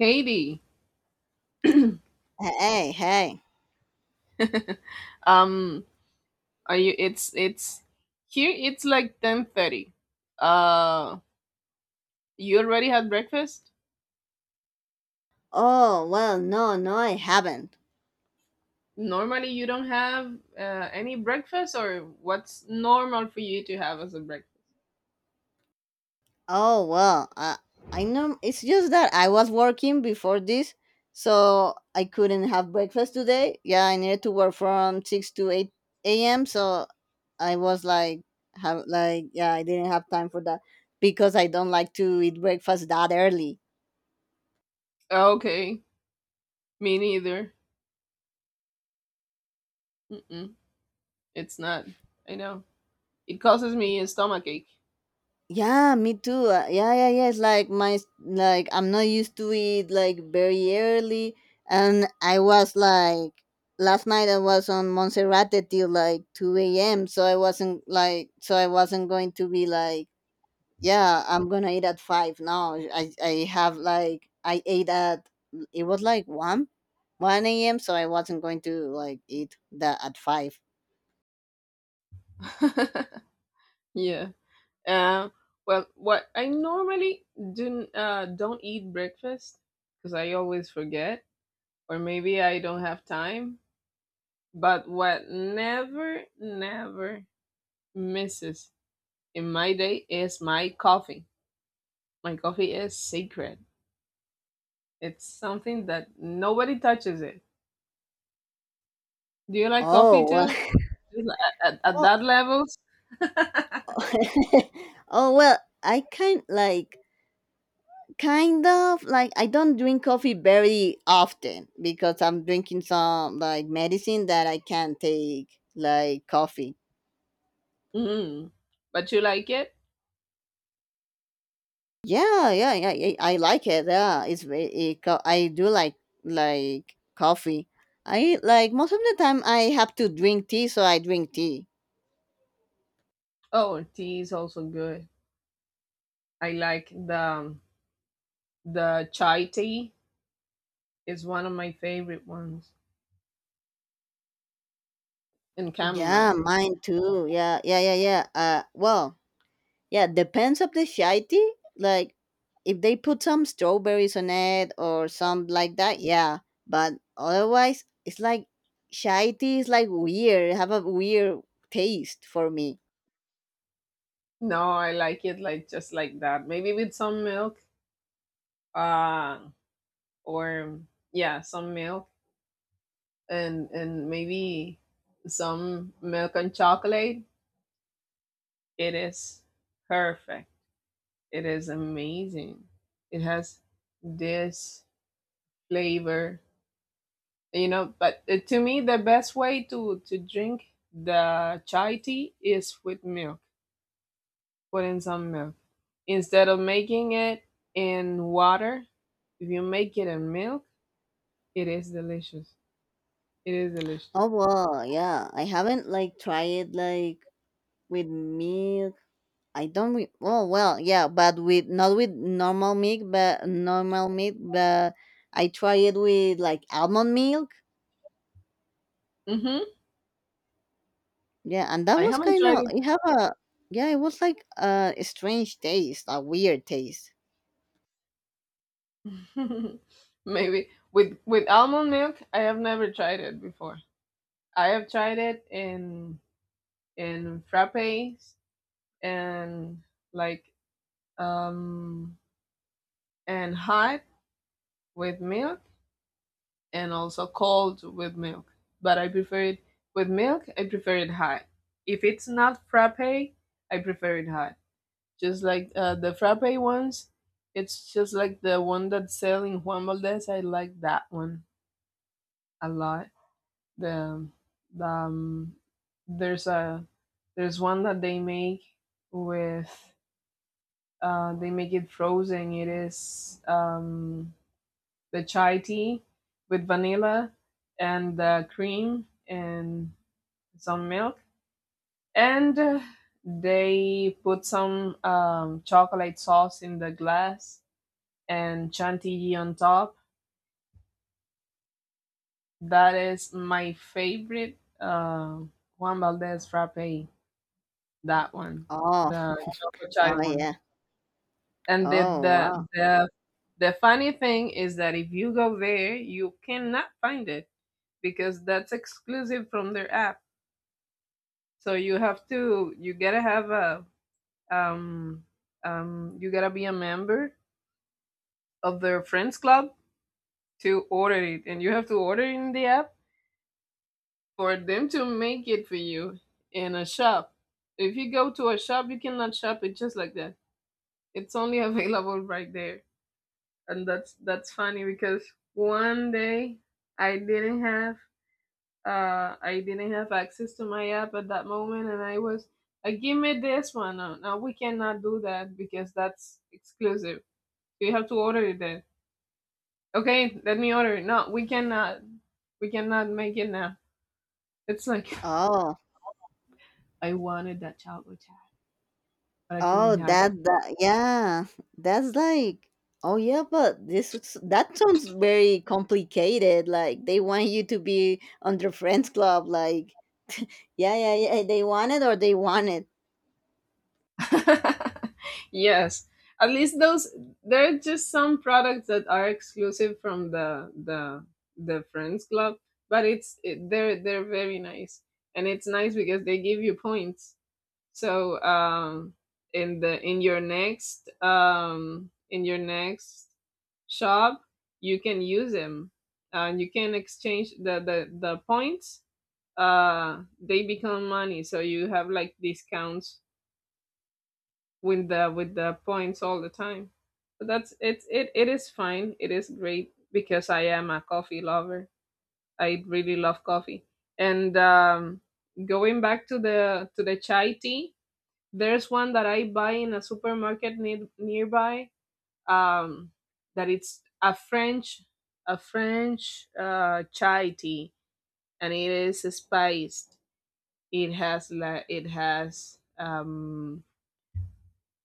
Haiti. Hey, hey. Um, are you? It's here. It's like 10:30. Uh, you already had breakfast. Oh, well, no, no, I haven't. Normally, you don't have any breakfast, or what's normal for you to have as a breakfast? Oh, well, I know. It's just that I was working before this, so I couldn't have breakfast today. Yeah, I needed to work from 6 to 8 a.m., so I was like, have like yeah, I didn't have time for that because I don't like to eat breakfast that early. Oh, okay, me neither. Mm-mm, it's not. I know it causes me a stomach ache. Yeah, me too. Yeah, yeah, yeah. It's like my like I'm not used to it like very early, and I was like last night I was on Monserrate till like 2 a.m. So I wasn't going to be like yeah I'm gonna eat at five. No, I have like I ate at it was like one a.m. So I wasn't going to like eat that at five. Yeah. Uh, well, what I normally do don't eat breakfast because I always forget, or maybe I don't have time. But what never, never misses in my day is my coffee. My coffee is sacred. It's something that nobody touches it. Do you like coffee Oh well. too? Just at, at Oh, that levels? oh well. I kind like Kind of like I don't drink coffee very often because I'm drinking some like medicine that I can't take like coffee. Mm. But you like it? Yeah, yeah, yeah, yeah, I like it. Yeah, it's very. I do like coffee. I like most of the time I have to drink tea, so I drink tea. Oh, tea is also good. I like the chai tea. It's one of my favorite ones. And Yeah, chamomile. mine too. Yeah, yeah, yeah, yeah. Well, yeah, depends of the shitey. Like if they put some strawberries on it or some like that, yeah. But otherwise, it's like shitey is like weird. Have a weird taste for me. No, I like it like just like that. Maybe with some milk. Uh or yeah, some milk and maybe some milk and chocolate. It is perfect. It is amazing. It has this flavor, But to me, the best way to drink the chai tea is with milk. Put in some milk instead of making it in water. If you make it in milk, it is delicious. It is delicious. Oh well, yeah. I haven't like tried it like with milk. I don't. Oh well, yeah, but with not with normal milk, but I try it with like almond milk. Mm-hmm. Yeah, and that I was haven't kind tried of it. you have a yeah, it was like a strange taste, a weird taste. Maybe with almond milk, I have never tried it before. I have tried it in frappes and like um and hot with milk and also cold with milk. But I prefer it with milk. I prefer it hot. If it's not frappe, I prefer it hot. Just like the frappe ones, it's just like the one that's selling Juan Valdez. I like that one a lot. the the um, there's a there's one that they make with they make it frozen. It is the chai tea with vanilla and cream and some milk, and they put some chocolate sauce in the glass and chantilly on top. That is my favorite Juan Valdez frappe. That one, Oh, the Choco Chai oh one. yeah. And the, Oh the wow. the the funny thing is that if you go there, you cannot find it because that's exclusive from their app. So you gotta have a um you gotta be a member of their friends club to order it, and you have to order it in the app for them to make it for you in a shop. If you go to a shop, you cannot shop it just like that. It's only available right there. And that's funny because one day I didn't have I didn't have access to my app at that moment, and I was give me this one. No, no, we cannot do that because that's exclusive. You have to order it then. Okay, let me order it. No, we cannot. We cannot make it now. It's like Oh, I wanted that chocolate but I couldn't oh have that yeah. That's like oh yeah, but that sounds very complicated. Like they want you to be on their friends club. Like yeah, yeah, yeah. They want it or they want it. it. Yes. At least those there are just some products that are exclusive from the the Friends Club, but they're very nice. And it's nice because they give you points. So in the in your next shop, you can use them. And you can exchange the points. They become money, so you have like discounts with the points all the time. But that's it is fine. It is great because I am a coffee lover. I really love coffee. And going back to the chai tea, there's one that I buy in a supermarket near, nearby. Um, that it's a French chai tea, and it is spiced. It has la. It has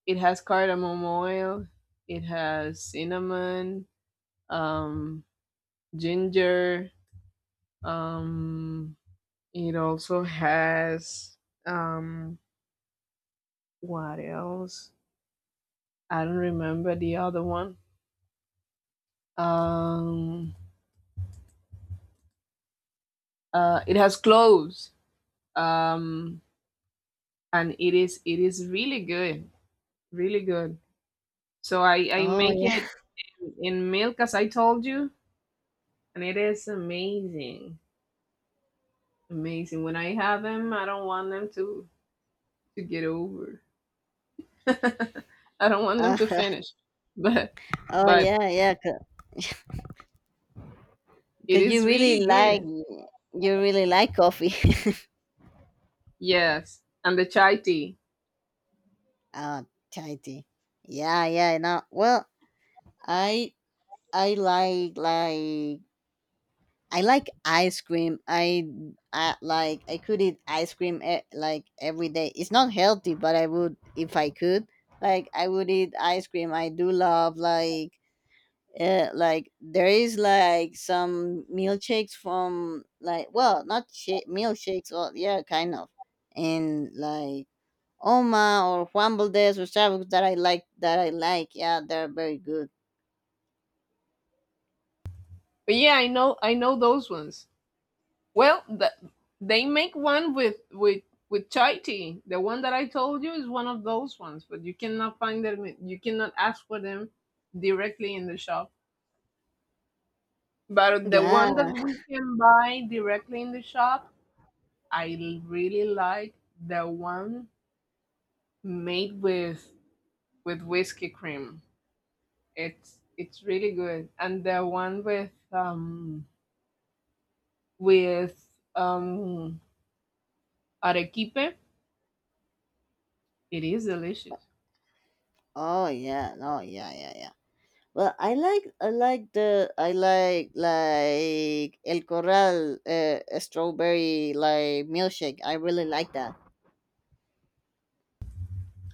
it has cardamom oil. It has cinnamon, um, ginger. Um, it also has um, what else? I don't remember the other one. Um, it has cloves. Um, and it is really good, really good. So I Oh make yeah. it in milk as I told you, and it is amazing, amazing. When I have them, I don't want them to get over. I don't want them to Uh, finish, but oh but yeah, yeah. Cause it 'cause you is really really like good. you really like coffee. Yes, and the chai tea. Oh, Tahiti. Yeah, yeah. No, well, I I like like I like ice cream. I could eat ice cream like every day. It's not healthy, but I would if I could. Like I would eat ice cream. I do love like there is like some milkshakes from like well not shake milkshakes or yeah kind of and like Oma or Juan Valdez or Starbucks that I like. Yeah, they're very good. But yeah, I know those ones. Well, the, they make one with chai tea. The one that I told you is one of those ones, but you cannot find them. You cannot ask for them directly in the shop. But the Yeah. one that we can buy directly in the shop, really like the one made with whiskey cream. It's really good, and the one with with um arequipe, it is delicious. Oh yeah. Oh yeah. Yeah yeah. Well, I like El Corral strawberry like milkshake. I really like that.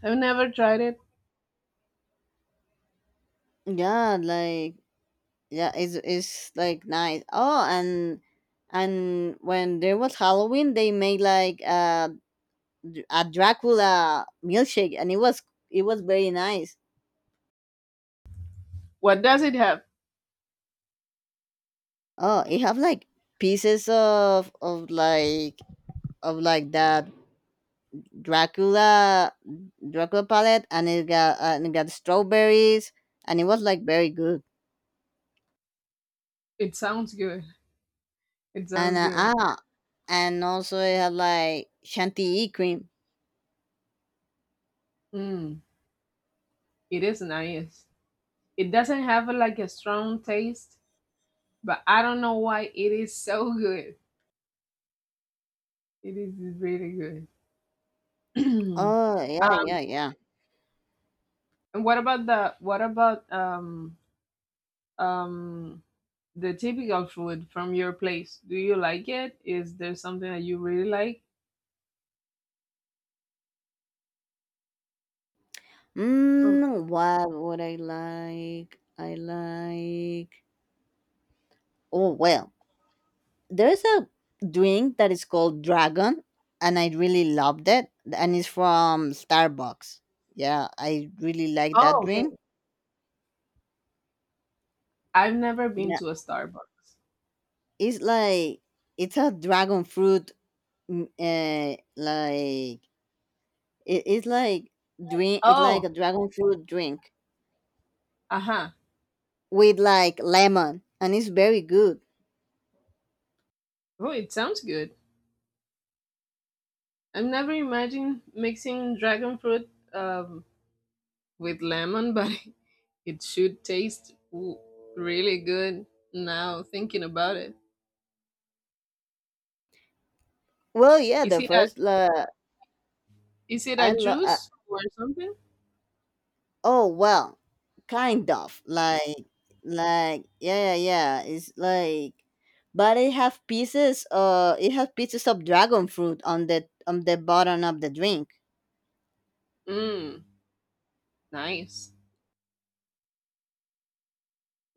I've never tried it. Yeah, like yeah, it's like nice. Oh, and when there was Halloween, they made like a Dracula milkshake, and it was very nice. What does it have? Oh, it have like pieces of like of like that Dracula Dracula palette, and it got strawberries, and it was like very good. It sounds good. It And sounds good. And also it had like chantilly cream. Mm, it is nice. It doesn't have like a strong taste, but I don't know why it is so good. It is really good. um, Oh yeah, yeah, yeah. and what about um the typical food from your place, do you like it, is there something that you really like from? Mm, what would I like? I like. Oh well, there's a drink that is called Dragon, and I really loved it, and it's from Starbucks. Yeah, I really like that Oh, drink. okay, I've never been Yeah, to a Starbucks. it's like it's a dragon fruit. Like it's like drink. It's like Oh, a dragon fruit drink uh-huh. with like lemon, and it's very good. Oh, it sounds good. I've never imagined mixing dragon fruit with lemon but it should taste really good now thinking about it. Well, yeah, is the it a first like is it I a love. juice or something? Oh well, kind of like yeah yeah yeah. It's like, but it have pieces. It has pieces of dragon fruit on the bottom of the drink. Mm, nice,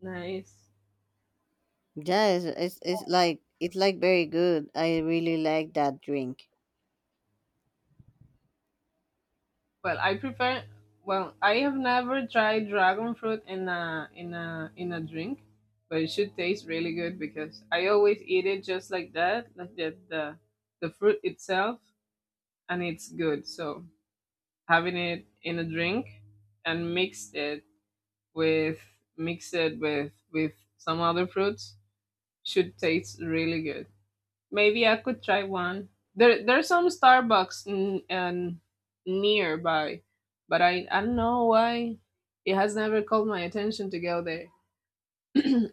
nice. Yeah, it's like very good. I really like that drink. Well, I prefer. Well, I have never tried dragon fruit in a drink, but it should taste really good because I always eat it just like that, like the fruit itself, and it's good. So having it in a drink and mixed it with with some other fruits should taste really good. Maybe I could try one. There's some Starbucks and nearby, but I don't know why it has never called my attention to go there.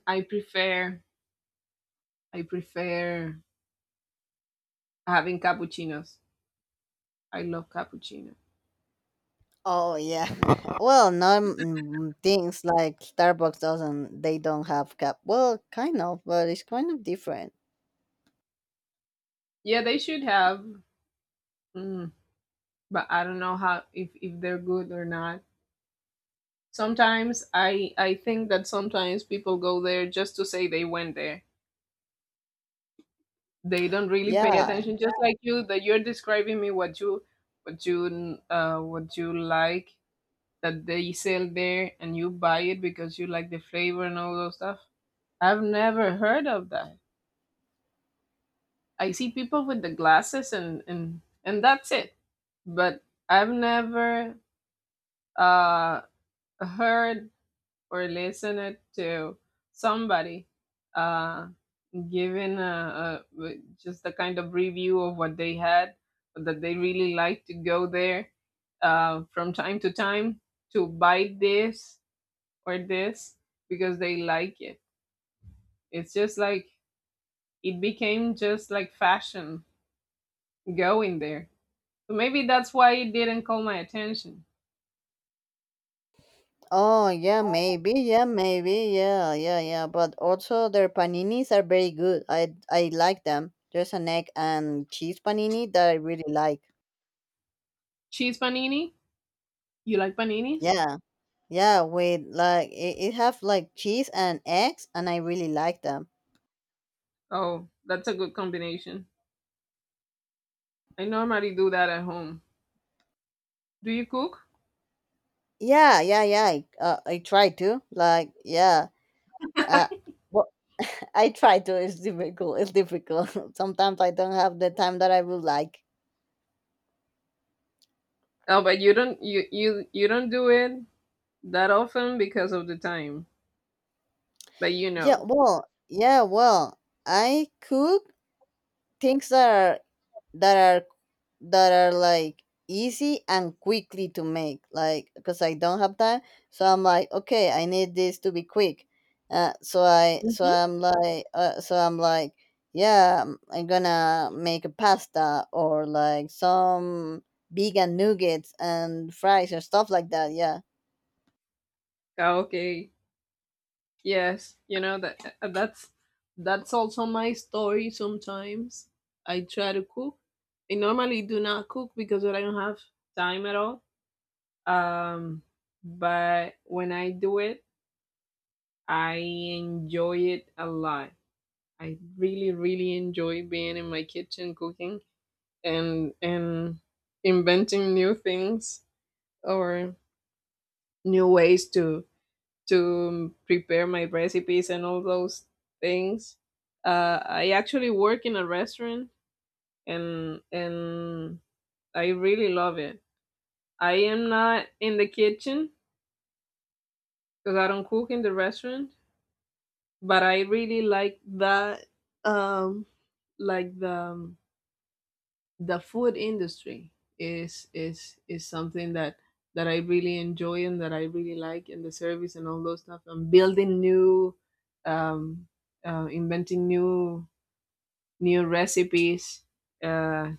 I prefer, I prefer having cappuccinos. I love cappuccino. Oh yeah. Well, not things like Starbucks doesn't. They don't have cap. Well, kind of, but it's kind of different. Yeah, they should have, mm, but I don't know how if they're good or not. Sometimes I think that sometimes people go there just to say they went there, they don't really pay Yeah. attention, just like you that you're describing me what you what you what you like that they sell there and you buy it because you like the flavor and all those stuff. I've never heard of that. I see people with the glasses and that's it. But I've never uh heard or listen it to somebody uh, giving a, just the kind of review of what they had, that they really like to go there from time to time to buy this or this because they like it. It's just like it became just like fashion going there. So maybe that's why it didn't call my attention. Oh, yeah, maybe, yeah, maybe, yeah, yeah, yeah. But also their paninis are very good. I like them. There's an egg and cheese panini that I really like. Cheese panini? You like paninis? Yeah, yeah, with like it have like cheese and eggs, and I really like them. Oh, that's a good combination. I normally do that at home. Do you cook? Yeah, yeah, yeah. I try to like yeah. Uh, well, I try to. It's difficult. It's difficult. Sometimes I don't have the time that I would like. Oh, but you don't you you you don't do it that often because of the time. But you Yeah, know. well, yeah, well, I cook things that are that are like easy and quickly to make like because I don't have time, so I'm like okay I need this to be quick, so I so Mhm. i'm like uh, so i'm like yeah I'm gonna make a pasta or like some vegan nuggets and fries or stuff like that yeah. Ah, okay. Yes, you know that that's also my story sometimes. I try to cook. I normally do not cook because I don't have time at all. Um but when I do it, I enjoy it a lot. I really really enjoy being in my kitchen cooking and inventing new things or new ways to prepare my recipes and all those things. I actually work in a restaurant and I really love it. I am not in the kitchen because I don't cook in the restaurant, but I really like that um like the um, the food industry is something that I really enjoy and that I really like, and the service and all those stuff. And building new, um, inventing new recipes. Uh,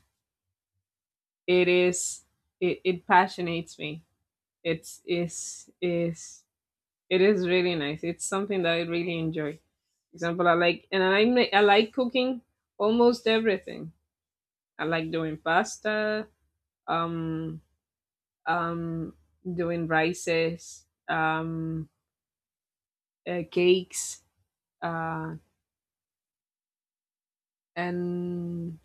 it is it passionates me. It's is is it is really nice. It's something that I really enjoy. Example, I like and I like cooking almost everything. I like doing pasta. Um, um, doing rices, cakes, uh, and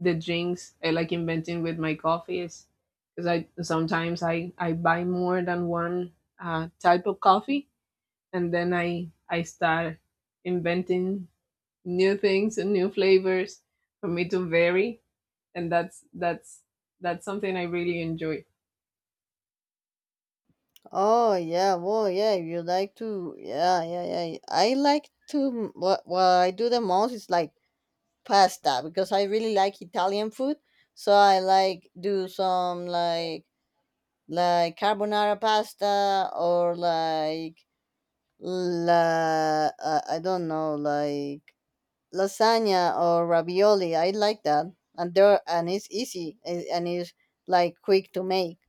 the drinks. I like inventing with my coffees because I buy more than one type of coffee, and then I start inventing new things and new flavors for me to vary, and that's something I really enjoy. Oh yeah well yeah if you like to yeah yeah yeah I like to, what I do the most is like pasta because I really like Italian food. So I like do some like carbonara pasta or like la I don't know like lasagna or ravioli. I like that, and there and it's easy and it's like quick to make.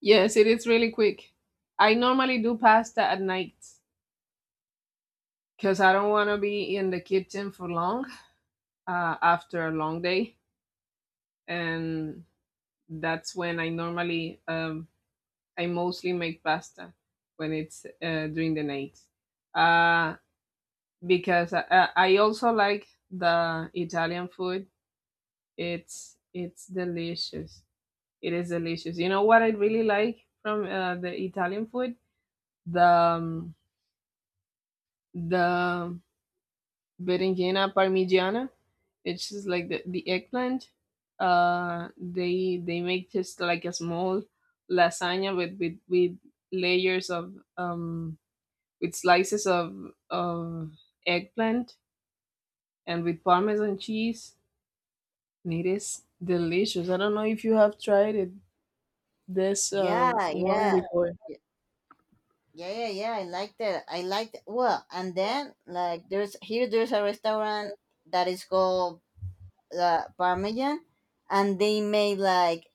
Yes, it is really quick. I normally do pasta at night because I don't want to be in the kitchen for long after a long day, and that's when I normally I mostly make pasta when it's during the night uh, because I also like the Italian food. It's delicious. It is delicious. You know what I really like from the Italian food? The um, the Berinjena Parmigiana. It's just like the eggplant. They make just like a small lasagna with layers of with slices of of eggplant and with parmesan cheese. And it is delicious. I don't know if you have tried it this Yeah, one yeah. before. Yeah, yeah, yeah. I like that. I like that. Well, and then like there's a restaurant that is called parmesan, and they made like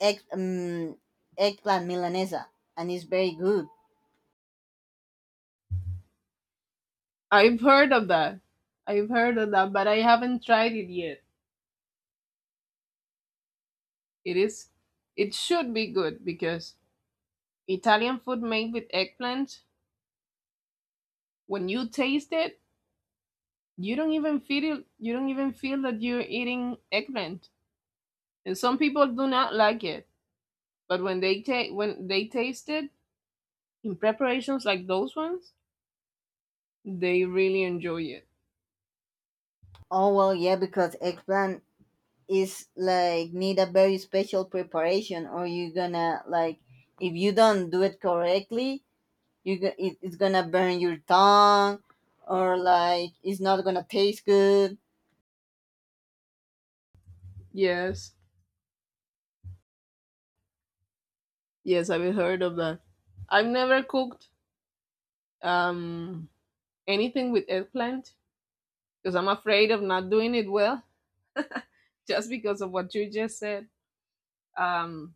egg, um, eggplant milanesa, and it's very good. I've heard of that. I've heard of that, but I haven't tried it yet. It is it should be good because Italian food made with eggplant, when you taste it, you don't even feel you don't even feel that you're eating eggplant. And some people do not like it, but when they taste it in preparations like those ones, they really enjoy it. Oh well, yeah, because eggplant is like need a very special preparation, or you're gonna like if you don't do it correctly, it's gonna burn your tongue, or like it's not gonna taste good. Yes, yes, I've heard of that. I've never cooked um anything with eggplant because I'm afraid of not doing it well, just because of what you just said. Um,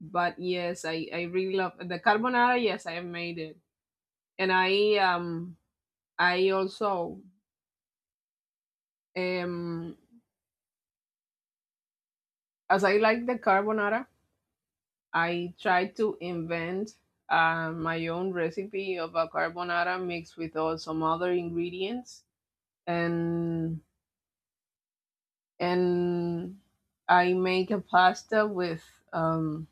but yes, I really love the carbonara. Yes, I have made it, and I also, um, as I like the carbonara, I try to invent my own recipe of a carbonara mixed with all some other ingredients, and and I make a pasta with um,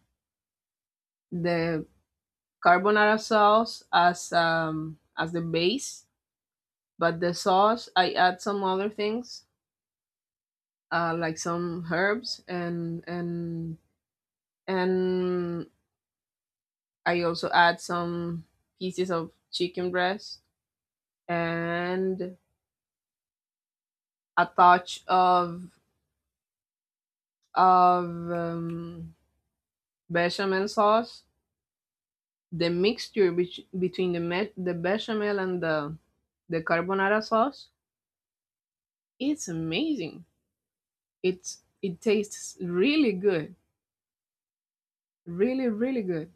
the carbonara sauce as the base. But the sauce, I add some other things like some herbs and I also add some pieces of chicken breast, and a touch of of um, bechamel sauce. The mixture between the bechamel and the carbonara sauce, it's amazing. It tastes really good, really really good.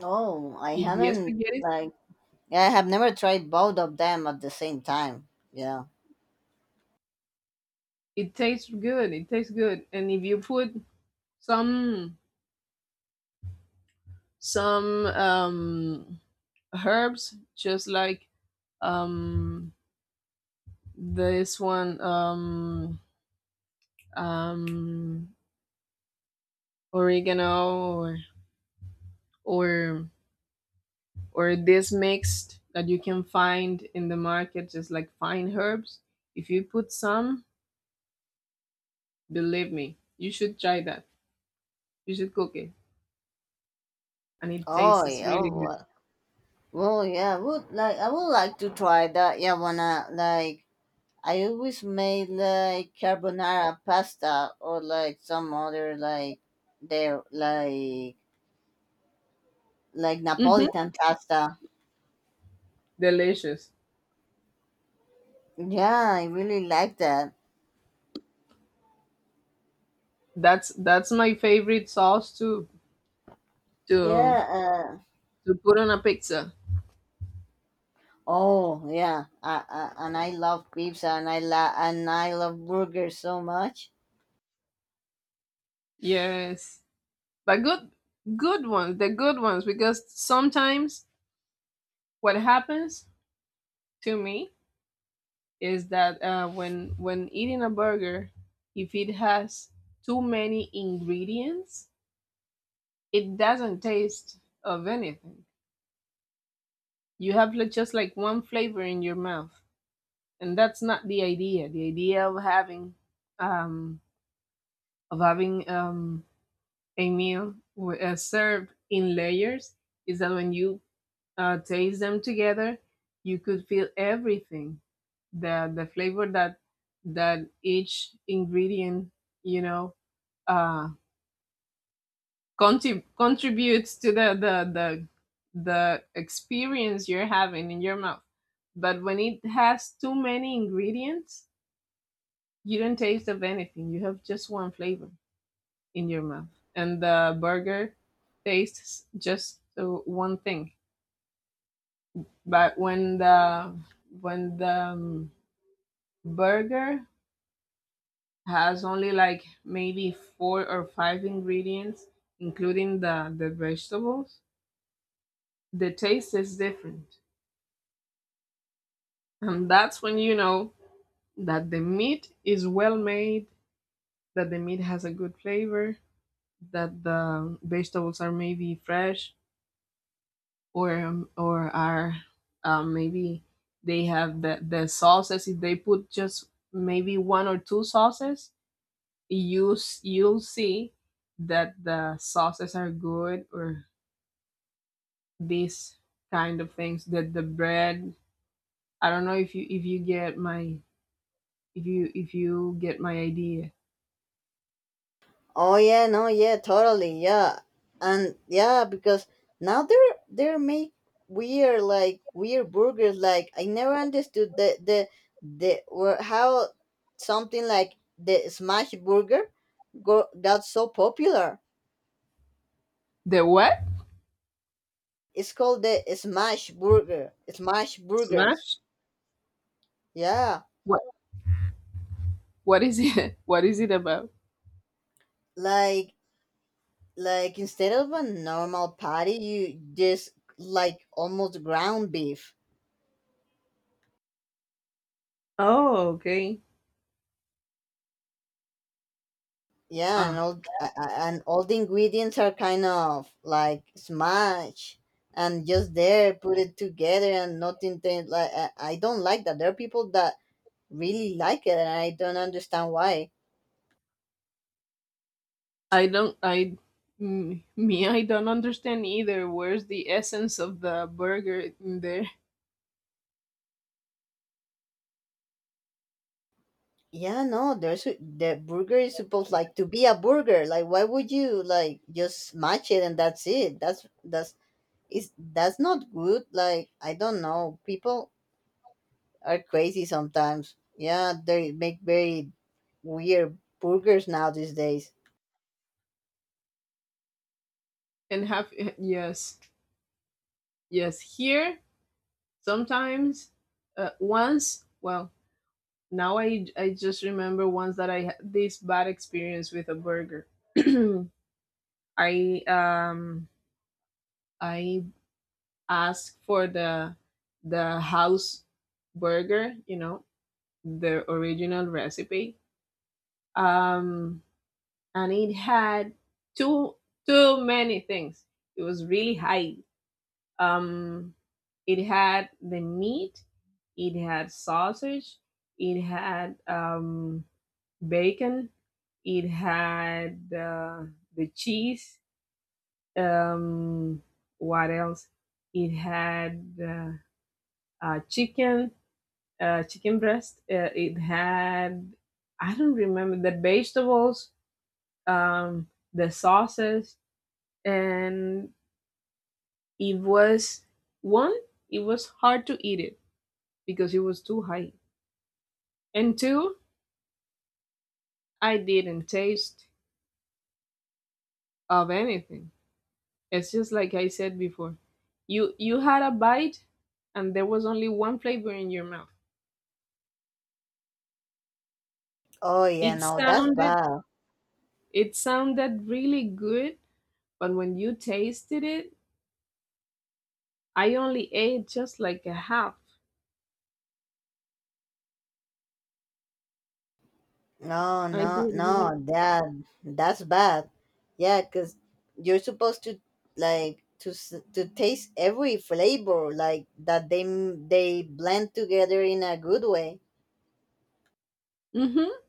Oh, I With the haven't spaghetti, like yeah, I have never tried both of them at the same time. Yeah. it tastes good. It tastes good. And if you put some some herbs, just like um this one um oregano or or this mixed that you can find in the market just like fine herbs, if you put some, believe me, you should try that, you should cook it, and it Oh tastes yeah. really Oh, well. Well, yeah, I would like to try that. Yeah, wanna like I always made like carbonara pasta or like some other like there like good. Hmm, Napolitan pasta. delicious. Yeah, I really like that. That's my favorite sauce to Yeah. To put on a pizza. Oh, yeah. And I love pizza and and I love burgers so much. Yes, but good, good ones, the good ones. Because sometimes what happens to me is that, when eating a burger, if it has too many ingredients, it doesn't taste of anything. You have, like, just like one flavor in your mouth, and that's not the idea. The idea of having um, of having um, a meal served in layers is that when you taste them together, you could feel everything, the flavor that that each ingredient, you know, uh contributes to the experience you're having in your mouth. But when it has too many ingredients, you don't taste of anything, you have just one flavor in your mouth, and the burger tastes just one thing. But when the when the um, burger has only like maybe four or five ingredients, including the vegetables, the taste is different. And that's when you know that the meat is well made, that the meat has a good flavor, that the vegetables are maybe fresh, or are maybe they have the sauces. If they put just maybe one or two sauces, you'll see that the sauces are good, or these kind of things, that the bread, I don't know if you get my if you get my idea. Oh yeah, no, yeah, totally, yeah, and yeah, because now they're make weird like weird burgers. Like I never understood the were how something like the smash burger got so popular. The what? It's called the smash burger, smash burgers. Smash Yeah, what? What is it? What is it about? like like instead of a normal patty, you just like almost ground beef. Oh, okay. Yeah, uh, and and all the ingredients are kind of like smashed and just there put it together and nothing like I don't like that. There are people that really like it and I don't understand why. I don't I m- me I don't understand either, where's the essence of the burger in there? Yeah, no, the burger is supposed like to be a burger. Like why would you like just smash it and that's it? That's not good. Like I don't know. People are crazy sometimes. Yeah, they make very weird burgers now these days. And have yes yes here sometimes, once well now I just remember once that I had this bad experience with a burger. I um I asked for the house burger, you know, the original recipe. Um and it had too too many things. It was really high. Um it had the meat, it had sausage, it had bacon, it had the cheese. Um, what else? It had chicken, chicken breast. It had, I don't remember the vegetables, um, the sauces, and it was one. It was hard to eat it because it was too high, and two, I didn't taste of anything. It's just like I said before. You had a bite and there was only one flavor in your mouth. Oh yeah, It no, that's sounded bad. it sounded really good, but when you tasted it, I only ate just like a half. No, I no, no, didn't like. that's bad. Yeah, 'cause you're supposed to like to taste every flavor like that they blend together in a good way. Mm-hmm.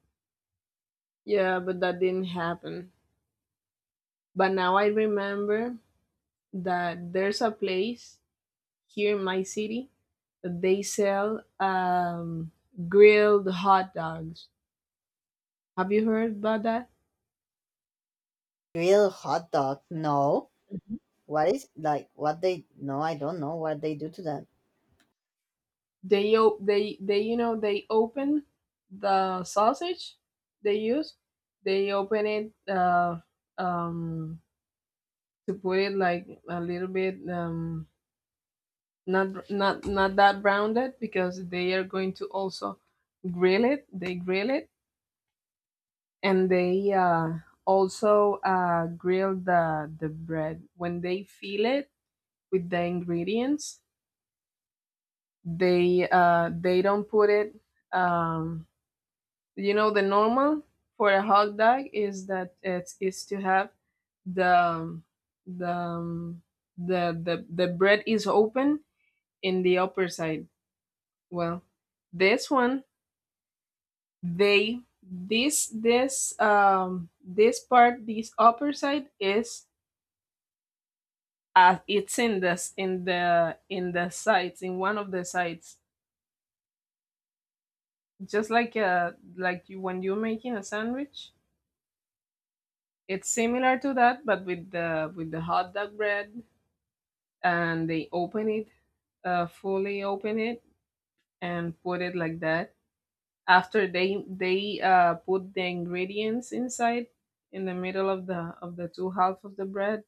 Yeah, but that didn't happen. But now I remember that there's a place here in my city that they sell grilled hot dogs. Have you heard about that? Real hot dog? No. What is like what they? No, I don't know what they do to that. They, you know, they open the sausage, they use, they open it um to put it like a little bit, not that rounded, because they are going to also grill it, they grill it. And they also grill the bread. When they fill it with the ingredients, they don't put it um you know, the normal for a hot dog is that it is to have the um, the um, the bread is open in the upper side. Well, this one, they this this this part, this upper side is, it's in this, in the sides in one of the sides, just like you when you're making a sandwich, it's similar to that but with the hot dog bread, and they open it, fully open it, and put it like that. After, they put the ingredients inside, in the middle of the two half of the bread,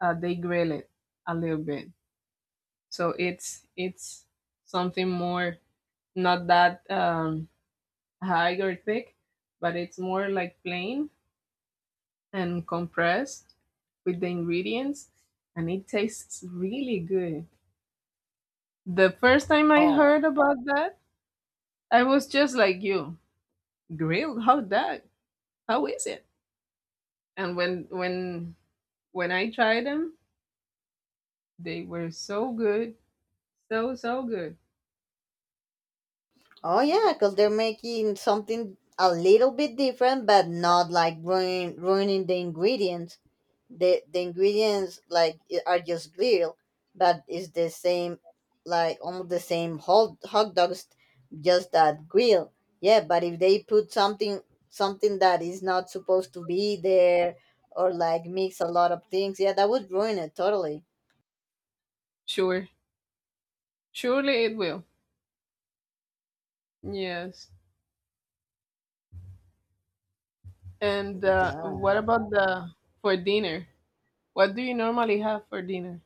they grill it a little bit. So it's something more, not that high or thick, but it's more like plain and compressed with the ingredients, and it tastes really good. The first time I Oh. heard about that, I was just like you. Grilled? How that? How is it? And when I tried them, they were so good, so so good. Oh yeah, because they're making something a little bit different, but not like ruining the ingredients. The ingredients like are just grilled, but it's the same, like almost the same hot dogs, just that grill. Yeah, but if they put something that is not supposed to be there, or like mix a lot of things, yeah, that would ruin it totally. Sure, surely it will. Yes. And what Yeah. about the for dinner? What do you normally have for dinner?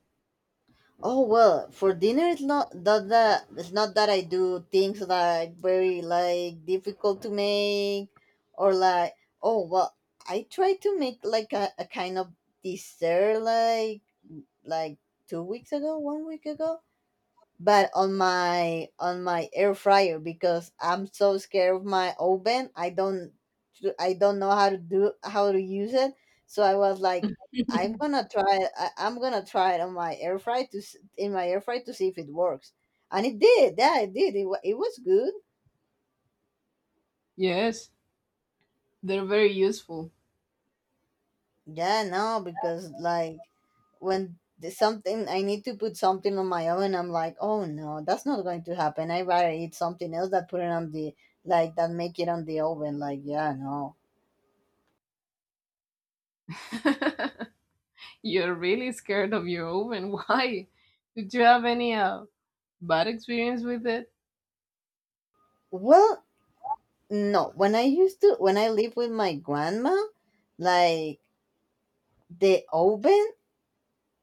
Oh well, for dinner it's not that, that it's not that I do things like very like difficult to make or like oh well I tried to make like a kind of dessert like 2 weeks ago, one week ago but on my air fryer because I'm so scared of my oven. I don't know how to use it. So I was like, I'm gonna try it. I'm gonna try it on my air fryer in my air fryer to see if it works, and it did. Yeah, it did. It was good. Yes, they're very useful. Yeah, no, because like when there's something I need to put something on my oven, I'm like, oh no, that's not going to happen. I rather eat something else that put it on the like that make it on the oven. Like, yeah, no. You're really scared of your oven. Why? Did you have any bad experience with it? Well, no. When I lived with my grandma, like the oven,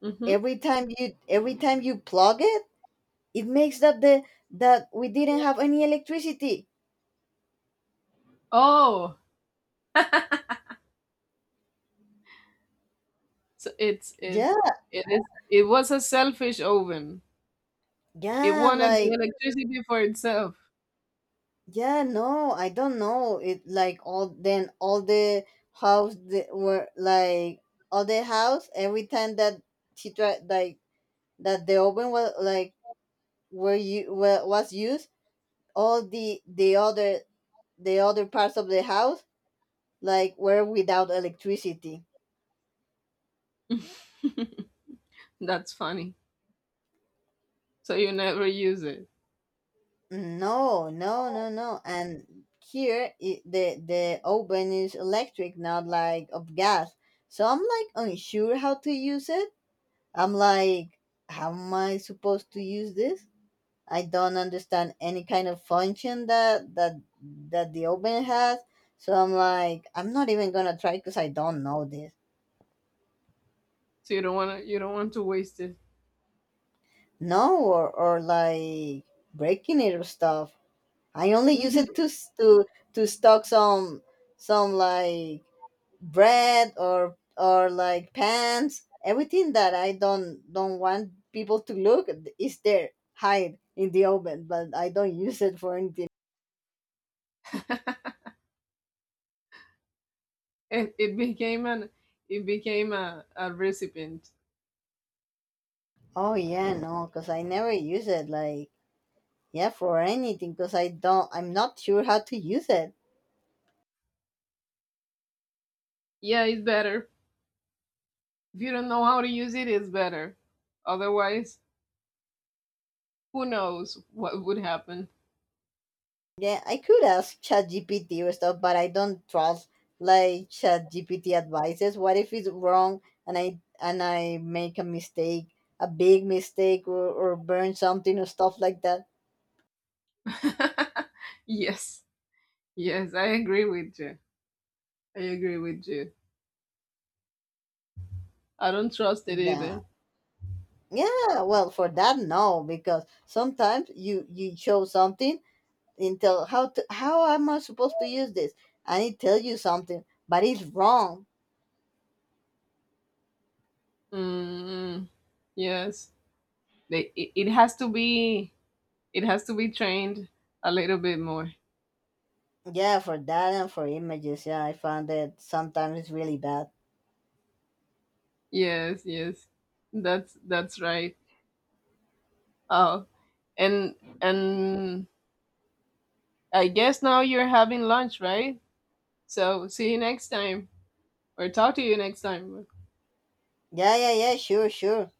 Mm-hmm. every time you plug it, it makes that the that we didn't have any electricity. Oh. So it's Yeah, it is it was a selfish oven. It yeah, wanted the like electricity for itself. yeah, no, I don't know. It like all the house the, were like all the house every time that she tried like that the oven was like was used all the other parts of the house like were without electricity. That's funny. So you never use it. No, no, no, no. And here I the oven is electric, not like of gas. So I'm like unsure how to use it. I'm like, how am I supposed to use this? I don't understand any kind of function that the oven has. So I'm like, I'm not even gonna try because I don't know this. So you don't want to, you don't want to waste it. No, or like breaking it or stuff. I only use it Hmm. to s- to stock some like bread or like pants, everything that I don't want people to look is there, hide in the oven, but I don't use it for anything. It became an, it became a recipient. Oh yeah, no, because I never use it like yeah for anything because I'm not sure how to use it. Yeah, it's better. If you don't know how to use it, it's better. Otherwise, who knows what would happen. Yeah, I could ask chat gpt or stuff but I don't trust like chat gpt advices. What if it's wrong, and I make a big mistake, or burn something or stuff like that. Yes. Yes, I agree with you. I agree with you. I don't trust it Yeah. either. Yeah, well, for that no, because sometimes you show something and tell how am I supposed to use this? And it tells you something, but it's wrong. Mm, yes. It has to be, it has to be trained a little bit more. Yeah, for that and for images, yeah, I found that sometimes it's really bad. Yes, yes. That's right. Oh, and and I guess now you're having lunch, right? So see you next time, or talk to you next time. Yeah, yeah, yeah, sure, sure.